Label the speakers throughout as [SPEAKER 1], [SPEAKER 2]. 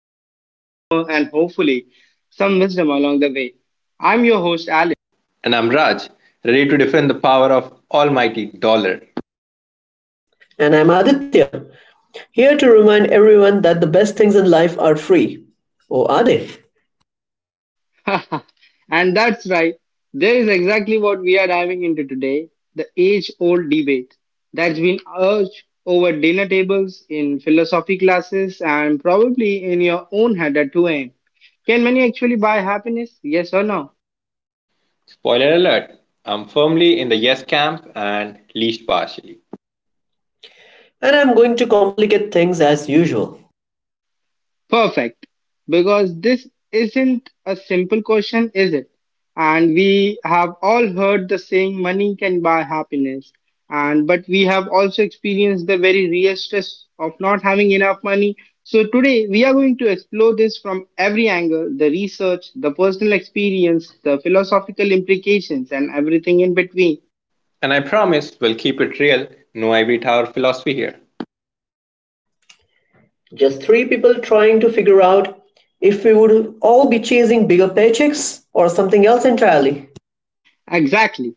[SPEAKER 1] curiosity, humor, and hopefully some wisdom along the way. I'm your host, Alex.
[SPEAKER 2] And I'm Raj, ready to defend the power of almighty dollar.
[SPEAKER 3] And I'm Aditya, here to remind everyone that the best things in life are free. Or are they?
[SPEAKER 1] And that's right, there is exactly what we are diving into today, the age old debate that's been urged over dinner tables, in philosophy classes, and probably in your own head at 2 a.m. Can money actually buy happiness? Yes or no?
[SPEAKER 2] Spoiler alert, I'm firmly in the yes camp and least partially.
[SPEAKER 3] And I'm going to complicate things as usual.
[SPEAKER 1] Perfect. Because this isn't a simple question, is it? And we have all heard the saying money can buy happiness. And but we have also experienced the very real stress of not having enough money. So today we are going to explore this from every angle, the research, the personal experience, the philosophical implications and everything in between.
[SPEAKER 2] And I promise we'll keep it real, no ivory tower philosophy here.
[SPEAKER 3] Just three people trying to figure out if we would all be chasing bigger paychecks or something else entirely.
[SPEAKER 1] Exactly.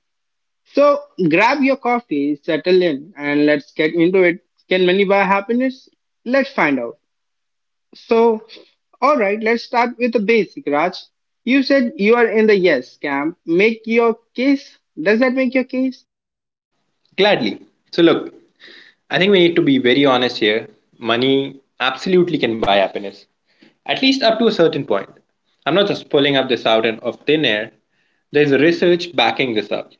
[SPEAKER 1] So grab your coffee, settle in and let's get into it. Can money buy happiness? Let's find out. So, all right, let's start with the basic, Raj. You said you are in the yes camp. Make your case. Does that make your case?
[SPEAKER 2] Gladly. So, look, I think we need to be very honest here. Money absolutely can buy happiness, at least up to a certain point. I'm not just pulling up this out of thin air. There's research backing this up.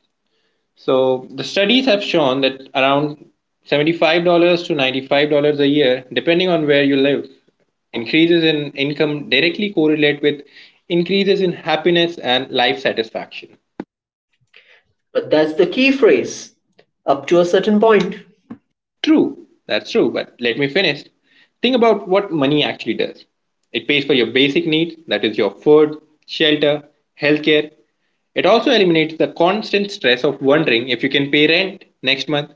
[SPEAKER 2] So the studies have shown that around $75 to $95 a year, depending on where you live, increases in income directly correlate with increases in happiness and life satisfaction.
[SPEAKER 3] But that's the key phrase up to a certain point.
[SPEAKER 2] True, that's true, but let me finish. Think about what money actually does. It pays for your basic needs, that is, your food, shelter, healthcare. It also eliminates the constant stress of wondering if you can pay rent next month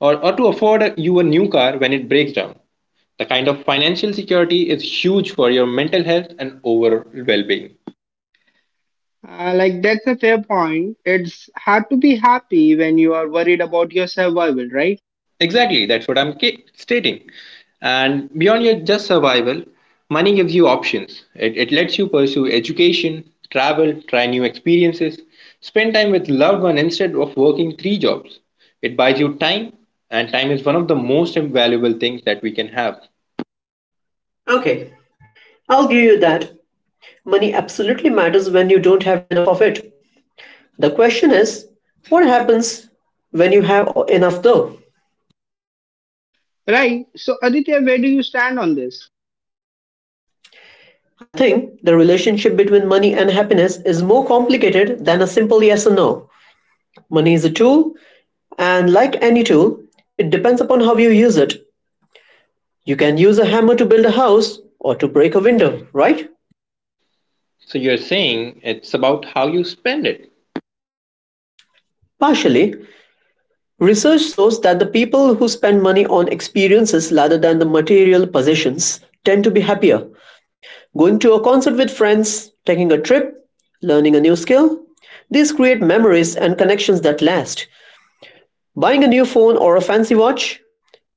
[SPEAKER 2] or to afford you a new car when it breaks down. The kind of financial security is huge for your mental health and overall well being.
[SPEAKER 1] That's a fair point. It's hard to be happy when you are worried about your survival, right?
[SPEAKER 2] Exactly, that's what I'm stating. And beyond your just survival, money gives you options. It lets you pursue education, travel, try new experiences, spend time with loved one instead of working three jobs. It buys you time, and time is one of the most invaluable things that we can have.
[SPEAKER 3] Okay, I'll give you that. Money absolutely matters when you don't have enough of it. The question is, what happens when you have enough though?
[SPEAKER 1] Right. So, Aditya, where do you stand on this?
[SPEAKER 3] I think the relationship between money and happiness is more complicated than a simple yes or no. Money is a tool, and like any tool, it depends upon how you use it. You can use a hammer to build a house or to break a window, right?
[SPEAKER 2] So you're saying it's about how you spend it.
[SPEAKER 3] Partially, research shows that the people who spend money on experiences rather than the material possessions tend to be happier. Going to a concert with friends, taking a trip, learning a new skill, these create memories and connections that last. Buying a new phone or a fancy watch,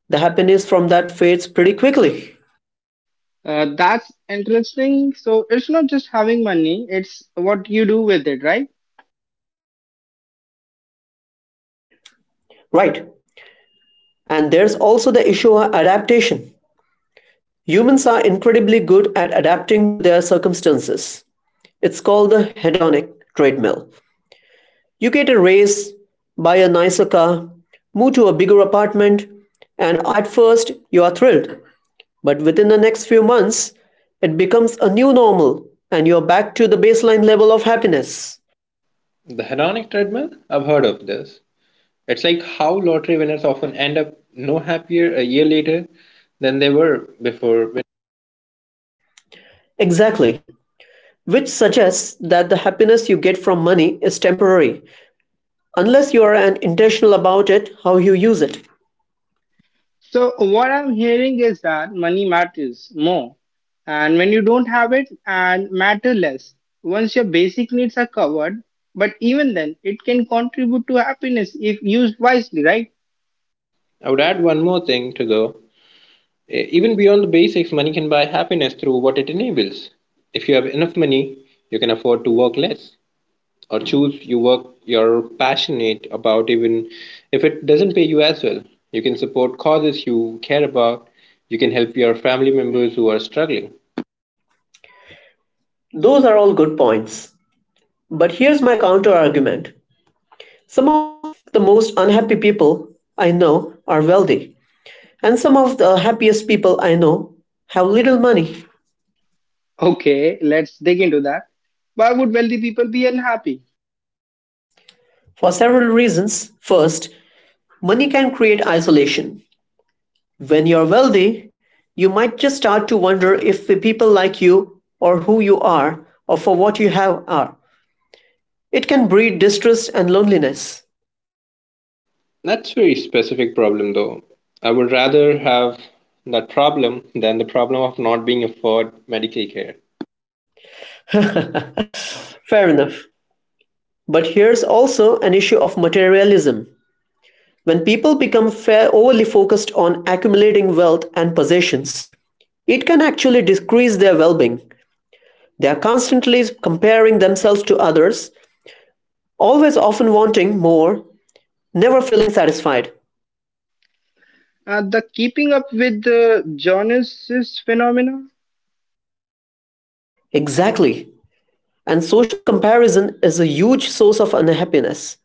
[SPEAKER 3] the happiness from that fades pretty quickly.
[SPEAKER 1] That's interesting. So, it's not just having money, it's what you do with it, right?
[SPEAKER 3] Right. And there's also the issue of adaptation. Humans are incredibly good at adapting to their circumstances. It's called the hedonic treadmill. You get a raise, buy a nicer car, move to a bigger apartment, and at first you are thrilled. But within the next few months, it becomes a new normal and you're back to the baseline level of happiness.
[SPEAKER 2] The hedonic treadmill? I've heard of this. It's like how lottery winners often end up no happier a year later than they were before.
[SPEAKER 3] Exactly, which suggests that the happiness you get from money is temporary unless you are an intentional about it how you use it.
[SPEAKER 1] So what I'm hearing is that money matters more, and when you don't have it, and matter less. Once your basic needs are covered, but even then, it can contribute to happiness if used wisely, right?
[SPEAKER 2] I would add one more thing to the even beyond the basics, money can buy happiness through what it enables. If you have enough money, you can afford to work less or choose you work you're passionate about even if it doesn't pay you as well. You can support causes you care about. You can help your family members who are struggling.
[SPEAKER 3] Those are all good points, but here's my counter argument. Some of the most unhappy people I know are wealthy, and some of the happiest people I know have little money.
[SPEAKER 1] Okay, let's dig into that. Why would wealthy people be unhappy?
[SPEAKER 3] For several reasons. First, money can create isolation. When you're wealthy, you might just start to wonder if the people like you or who you are or for what you have are. It can breed distrust and loneliness.
[SPEAKER 2] That's very specific problem though. I would rather have that problem than the problem of not being afford medical care.
[SPEAKER 3] Fair enough. But here's also an issue of materialism. When people become fair overly focused on accumulating wealth and possessions, it can actually decrease their well being. They are constantly comparing themselves to others, always often wanting more, never feeling satisfied.
[SPEAKER 1] The keeping up with the Jonas' phenomena?
[SPEAKER 3] Exactly. And social comparison is a huge source of unhappiness.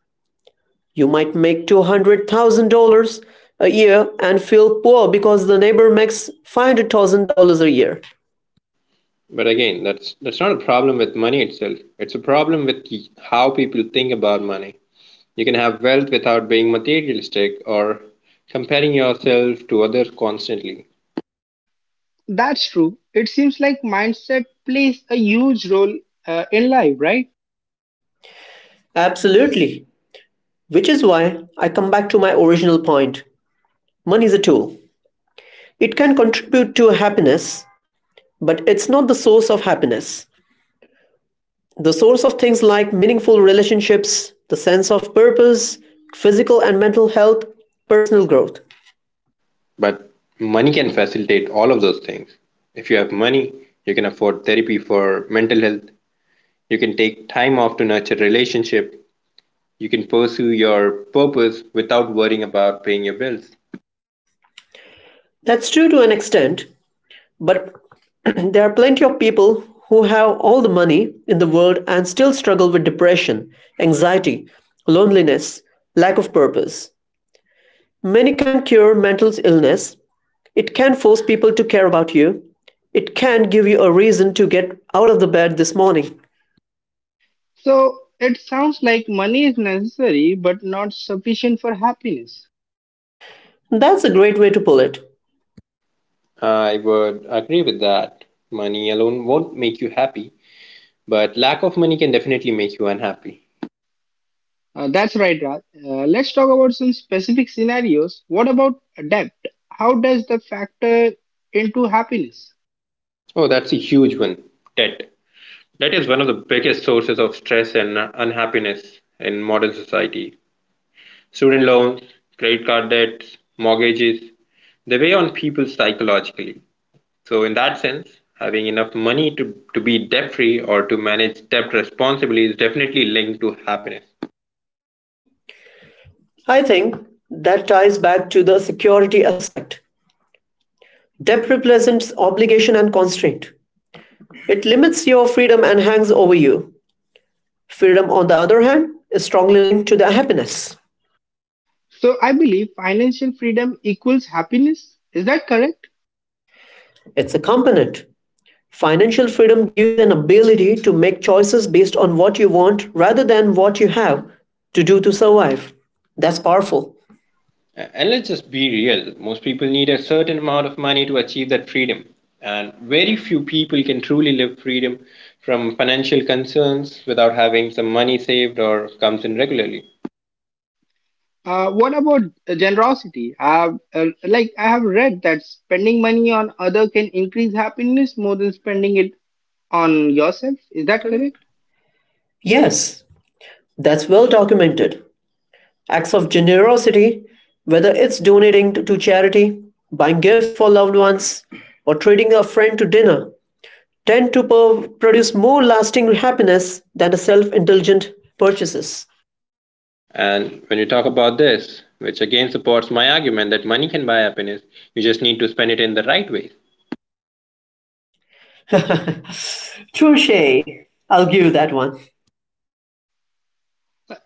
[SPEAKER 3] You might make $200,000 a year and feel poor because the neighbor makes $500,000 a year.
[SPEAKER 2] But again, that's not a problem with money itself. It's a problem with how people think about money. You can have wealth without being materialistic or comparing yourself to others constantly.
[SPEAKER 1] That's true. It seems like mindset plays a huge role in life, right?
[SPEAKER 3] Absolutely. Which is why I come back to my original point. Money is a tool. It can contribute to happiness, but it's not the source of happiness. The source of things like meaningful relationships, the sense of purpose, physical and mental health, personal growth.
[SPEAKER 2] But money can facilitate all of those things. If you have money, you can afford therapy for mental health. You can take time off to nurture relationship. You can pursue your purpose without worrying about paying your bills.
[SPEAKER 3] That's true to an extent, but there are plenty of people who have all the money in the world and still struggle with depression, anxiety, loneliness, lack of purpose. Money can't cure mental illness. It can force people to care about you. It can give you a reason to get out of the bed this morning.
[SPEAKER 1] So it sounds like money is necessary but not sufficient for happiness.
[SPEAKER 3] That's a great way to pull it.
[SPEAKER 2] I would agree with that. Money alone won't make you happy, but lack of money can definitely make you unhappy.
[SPEAKER 1] That's right, Raj. Let's talk about some specific scenarios. What about debt? How does the factor into happiness?
[SPEAKER 2] Oh, that's a huge one. Debt. Debt is one of the biggest sources of stress and unhappiness in modern society. Student loans, credit card debts, mortgages, they weigh on people psychologically. So, in that sense, having enough money to be debt free or to manage debt responsibly is definitely linked to happiness.
[SPEAKER 3] I think that ties back to the security aspect. Debt represents obligation and constraint. It limits your freedom and hangs over you. Freedom, on the other hand, is strongly linked to the happiness.
[SPEAKER 1] So I believe financial freedom equals happiness. Is that correct?
[SPEAKER 3] It's a component. Financial freedom gives an ability to make choices based on what you want rather than what you have to do to survive. That's powerful.
[SPEAKER 2] And let's just be real. Most people need a certain amount of money to achieve that freedom. And very few people can truly live freedom from financial concerns without having some money saved or comes in regularly.
[SPEAKER 1] What about generosity? Like I have read that spending money on other can increase happiness more than spending it on yourself. Is that correct?
[SPEAKER 3] Yes, that's well documented. Acts of generosity, whether it's donating to charity, buying gifts for loved ones, or treating a friend to dinner, tend to produce more lasting happiness than the self indulgent purchases.
[SPEAKER 2] And when you talk about this, which again supports my argument that money can buy happiness, you just need to spend it in the right way.
[SPEAKER 3] Sure, Shay, I'll give you that one.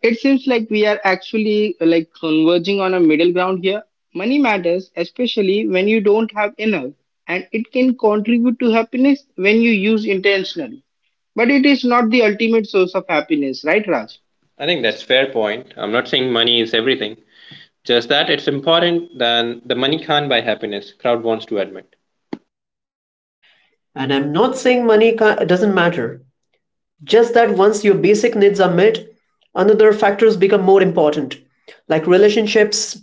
[SPEAKER 1] It seems like we are actually like converging on a middle ground here. Money matters, especially when you don't have enough, and it can contribute to happiness when you use intentionally. But it is not the ultimate source of happiness, right, Raj?
[SPEAKER 2] I think that's fair point. I'm not saying money is everything. Just that it's important than the money can't buy happiness, crowd wants to admit.
[SPEAKER 3] And I'm not saying money doesn't matter. Just that once your basic needs are met, another factors become more important, like relationships,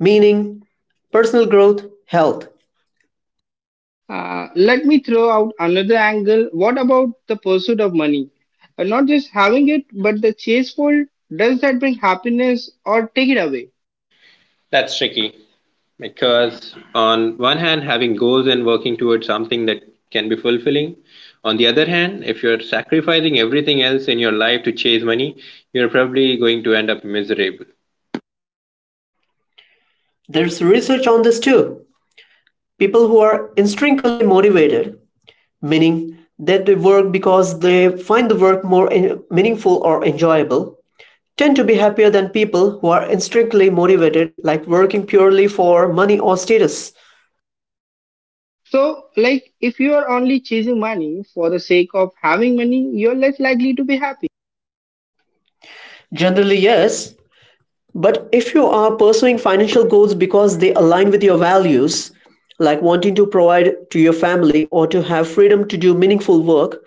[SPEAKER 3] meaning, personal growth, health.
[SPEAKER 1] Let me throw out another angle. What about the pursuit of money? Not just having it, but the chase for it. Does that bring happiness or take it away?
[SPEAKER 2] That's tricky. Because on one hand, having goals and working towards something that can be fulfilling. On the other hand, if you're sacrificing everything else in your life to chase money, you're probably going to end up miserable.
[SPEAKER 3] There's research on this too. People who are intrinsically motivated, meaning that they work because they find the work more meaningful or enjoyable, tend to be happier than people who are intrinsically motivated, like working purely for money or status.
[SPEAKER 1] So, like, if you are only chasing money for the sake of having money, you're less likely to be happy.
[SPEAKER 3] Generally, yes. But if you are pursuing financial goals because they align with your values, like wanting to provide to your family or to have freedom to do meaningful work,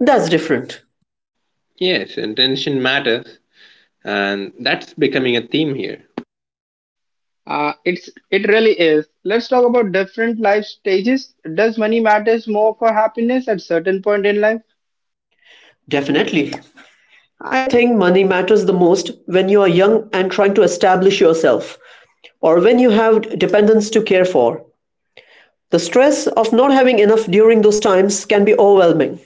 [SPEAKER 3] that's different.
[SPEAKER 2] Yes, intention matters, and that's becoming a theme here.
[SPEAKER 1] It's it really is. Let's talk about different life stages. Does money matters more for happiness at certain point in life?
[SPEAKER 3] Definitely. I think money matters the most when you are young and trying to establish yourself, or when you have dependents to care for. The stress of not having enough during those times can be overwhelming.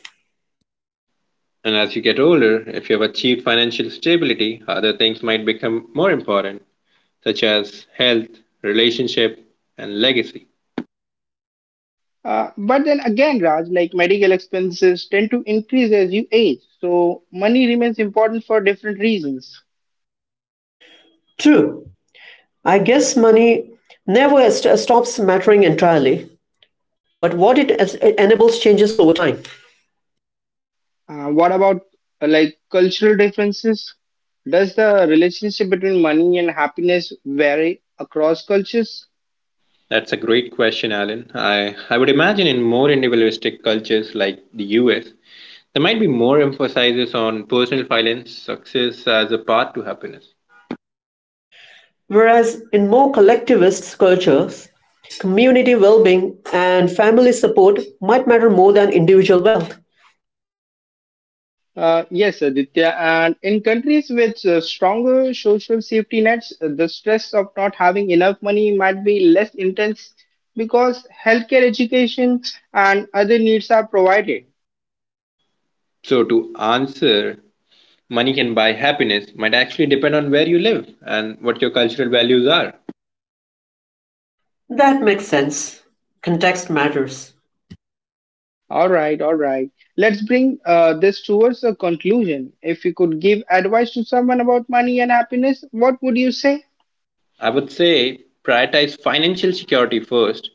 [SPEAKER 2] And as you get older, if you have achieved financial stability, other things might become more important, such as health, relationship, and legacy.
[SPEAKER 1] But then again, Raj, like medical expenses tend to increase as you age, so money remains important for different reasons.
[SPEAKER 3] True. I guess money never stops mattering entirely, but what it enables changes over time.
[SPEAKER 1] What about cultural differences? Does the relationship between money and happiness vary across cultures?
[SPEAKER 2] That's a great question, Alan. I would imagine in more individualistic cultures like the US, there might be more emphasis on personal finance, success as a path to happiness.
[SPEAKER 3] Whereas in more collectivist cultures, community well being and family support might matter more than individual wealth.
[SPEAKER 1] Yes, Aditya. And in countries with stronger social safety nets, the stress of not having enough money might be less intense because healthcare, education, and other needs are provided.
[SPEAKER 2] So, to answer, money can buy happiness might actually depend on where you live and what your cultural values are.
[SPEAKER 3] That makes sense. Context matters.
[SPEAKER 1] All right, all right. Let's bring this towards a conclusion. If you could give advice to someone about money and happiness, what would you say?
[SPEAKER 2] I would say prioritize financial security first,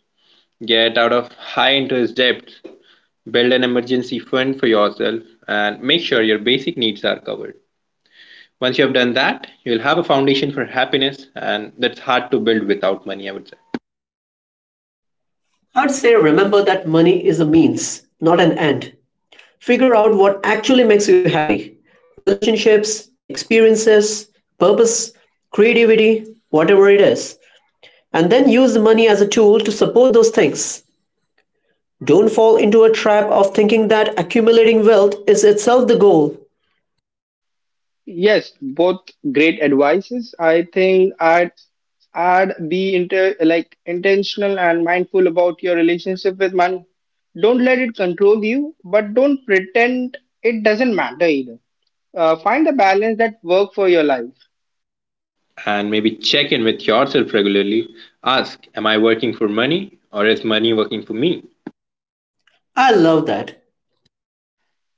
[SPEAKER 2] get out of high interest debts, build an emergency fund for yourself, and make sure your basic needs are covered. Once you have done that, you'll have a foundation for happiness, and that's hard to build without money, I would say.
[SPEAKER 3] I'd say remember that money is a means, not an end. Figure out what actually makes you happy, relationships, experiences, purpose, creativity, whatever it is. And then use the money as a tool to support those things. Don't fall into a trap of thinking that accumulating wealth is itself the goal.
[SPEAKER 1] Yes, both great advices. I think I'd add be inter like intentional and mindful about your relationship with money. Don't let it control you, but don't pretend it doesn't matter either. Find the balance that work for your life.
[SPEAKER 2] And maybe check in with yourself regularly. Ask, am I working for money or is money working for me?
[SPEAKER 3] I love that.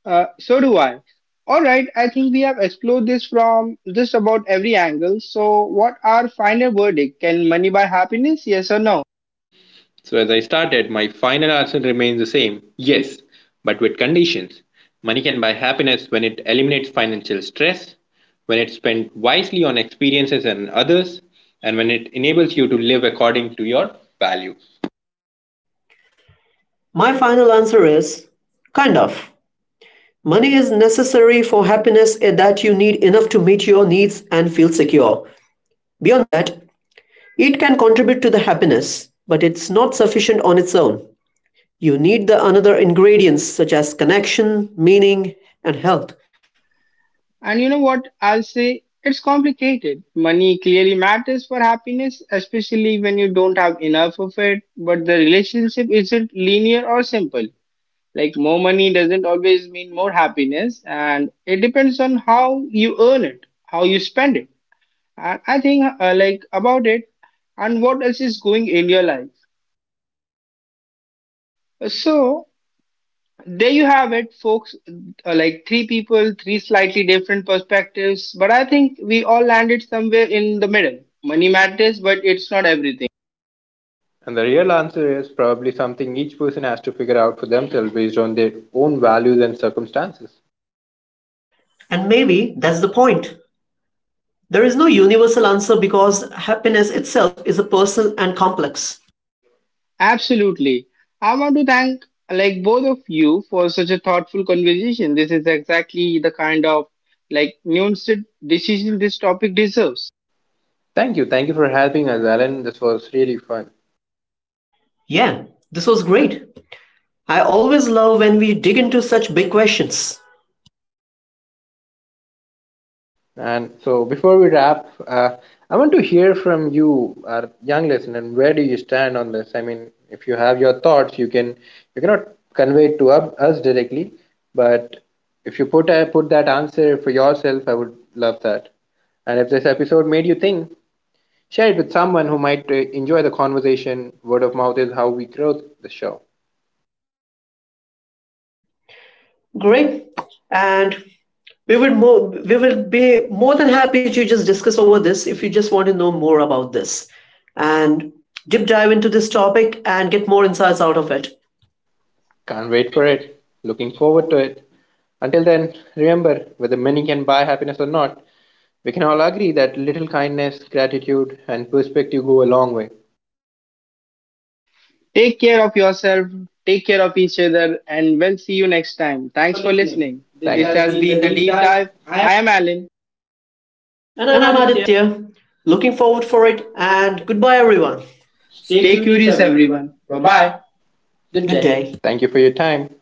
[SPEAKER 1] So do I. All right, I think we have explored this from just about every angle. So, what our final verdict? Can money buy happiness? Yes or no?
[SPEAKER 2] So, as I started, my final answer remains the same yes, but with conditions. Money can buy happiness when it eliminates financial stress, when it's spent wisely on experiences and others, and when it enables you to live according to your values.
[SPEAKER 3] My final answer is kind of. Money is necessary for happiness in that you need enough to meet your needs and feel secure. Beyond that, it can contribute to the happiness, but it's not sufficient on its own. You need the another ingredients such as connection, meaning, and health.
[SPEAKER 1] And you know what? I'll say it's complicated. Money clearly matters for happiness, especially when you don't have enough of it, but the relationship isn't linear or simple. Like, more money doesn't always mean more happiness, and it depends on how you earn it, how you spend it. And I think, about it and what else is going in your life. So, there you have it, folks. Three people, three slightly different perspectives, but I think we all landed somewhere in the middle. Money matters, but it's not everything.
[SPEAKER 2] And the real answer is probably something each person has to figure out for themselves based on their own values and circumstances.
[SPEAKER 3] And maybe that's the point. There is no universal answer because happiness itself is a personal and complex.
[SPEAKER 1] Absolutely. I want to thank both of you for such a thoughtful conversation. This is exactly the kind of nuanced decision this topic deserves.
[SPEAKER 2] Thank you. Thank you for helping us, Alan. This was really fun.
[SPEAKER 3] Yeah, this was great. I always love when we dig into such big questions.
[SPEAKER 2] And so, before we wrap, I want to hear from you, our young listener. And where do you stand on this? I mean, if you have your thoughts, you can you cannot convey it to us directly, but if you put put that answer for yourself, I would love that. And if this episode made you think, share it with someone who might enjoy the conversation. Word of mouth is how we grow the show.
[SPEAKER 3] Great. And we will be more than happy to just discuss over this if you just want to know more about this and deep dive into this topic and get more insights out of it.
[SPEAKER 2] Can't wait for it. Looking forward to it. Until then, remember whether money can buy happiness or not, we can all agree that little kindness, gratitude, and perspective go a long way.
[SPEAKER 1] Take care of yourself, take care of each other, and we'll see you next time.
[SPEAKER 2] Thanks for
[SPEAKER 1] Thanks for
[SPEAKER 2] listening.
[SPEAKER 1] listening.
[SPEAKER 2] This
[SPEAKER 3] This
[SPEAKER 1] This
[SPEAKER 2] has
[SPEAKER 1] Thank
[SPEAKER 3] Has
[SPEAKER 1] has
[SPEAKER 2] been
[SPEAKER 1] been
[SPEAKER 3] been
[SPEAKER 2] the
[SPEAKER 3] the
[SPEAKER 1] the
[SPEAKER 2] Deep
[SPEAKER 1] deep
[SPEAKER 2] Dive.
[SPEAKER 1] dive.
[SPEAKER 2] I am
[SPEAKER 1] I am Alan.
[SPEAKER 2] and
[SPEAKER 3] And
[SPEAKER 2] I'm
[SPEAKER 3] I'm
[SPEAKER 2] Aditya.
[SPEAKER 3] Aditya. Looking forward for it and goodbye everyone.
[SPEAKER 2] Stay
[SPEAKER 1] Stay
[SPEAKER 3] Stay
[SPEAKER 2] curious,
[SPEAKER 3] curious,
[SPEAKER 1] curious,
[SPEAKER 2] everyone.
[SPEAKER 1] everyone.
[SPEAKER 3] everyone.
[SPEAKER 1] Bye
[SPEAKER 3] Bye
[SPEAKER 1] bye.
[SPEAKER 3] bye.
[SPEAKER 2] Good
[SPEAKER 3] Good
[SPEAKER 2] day.
[SPEAKER 3] day.
[SPEAKER 2] Thank you for your time.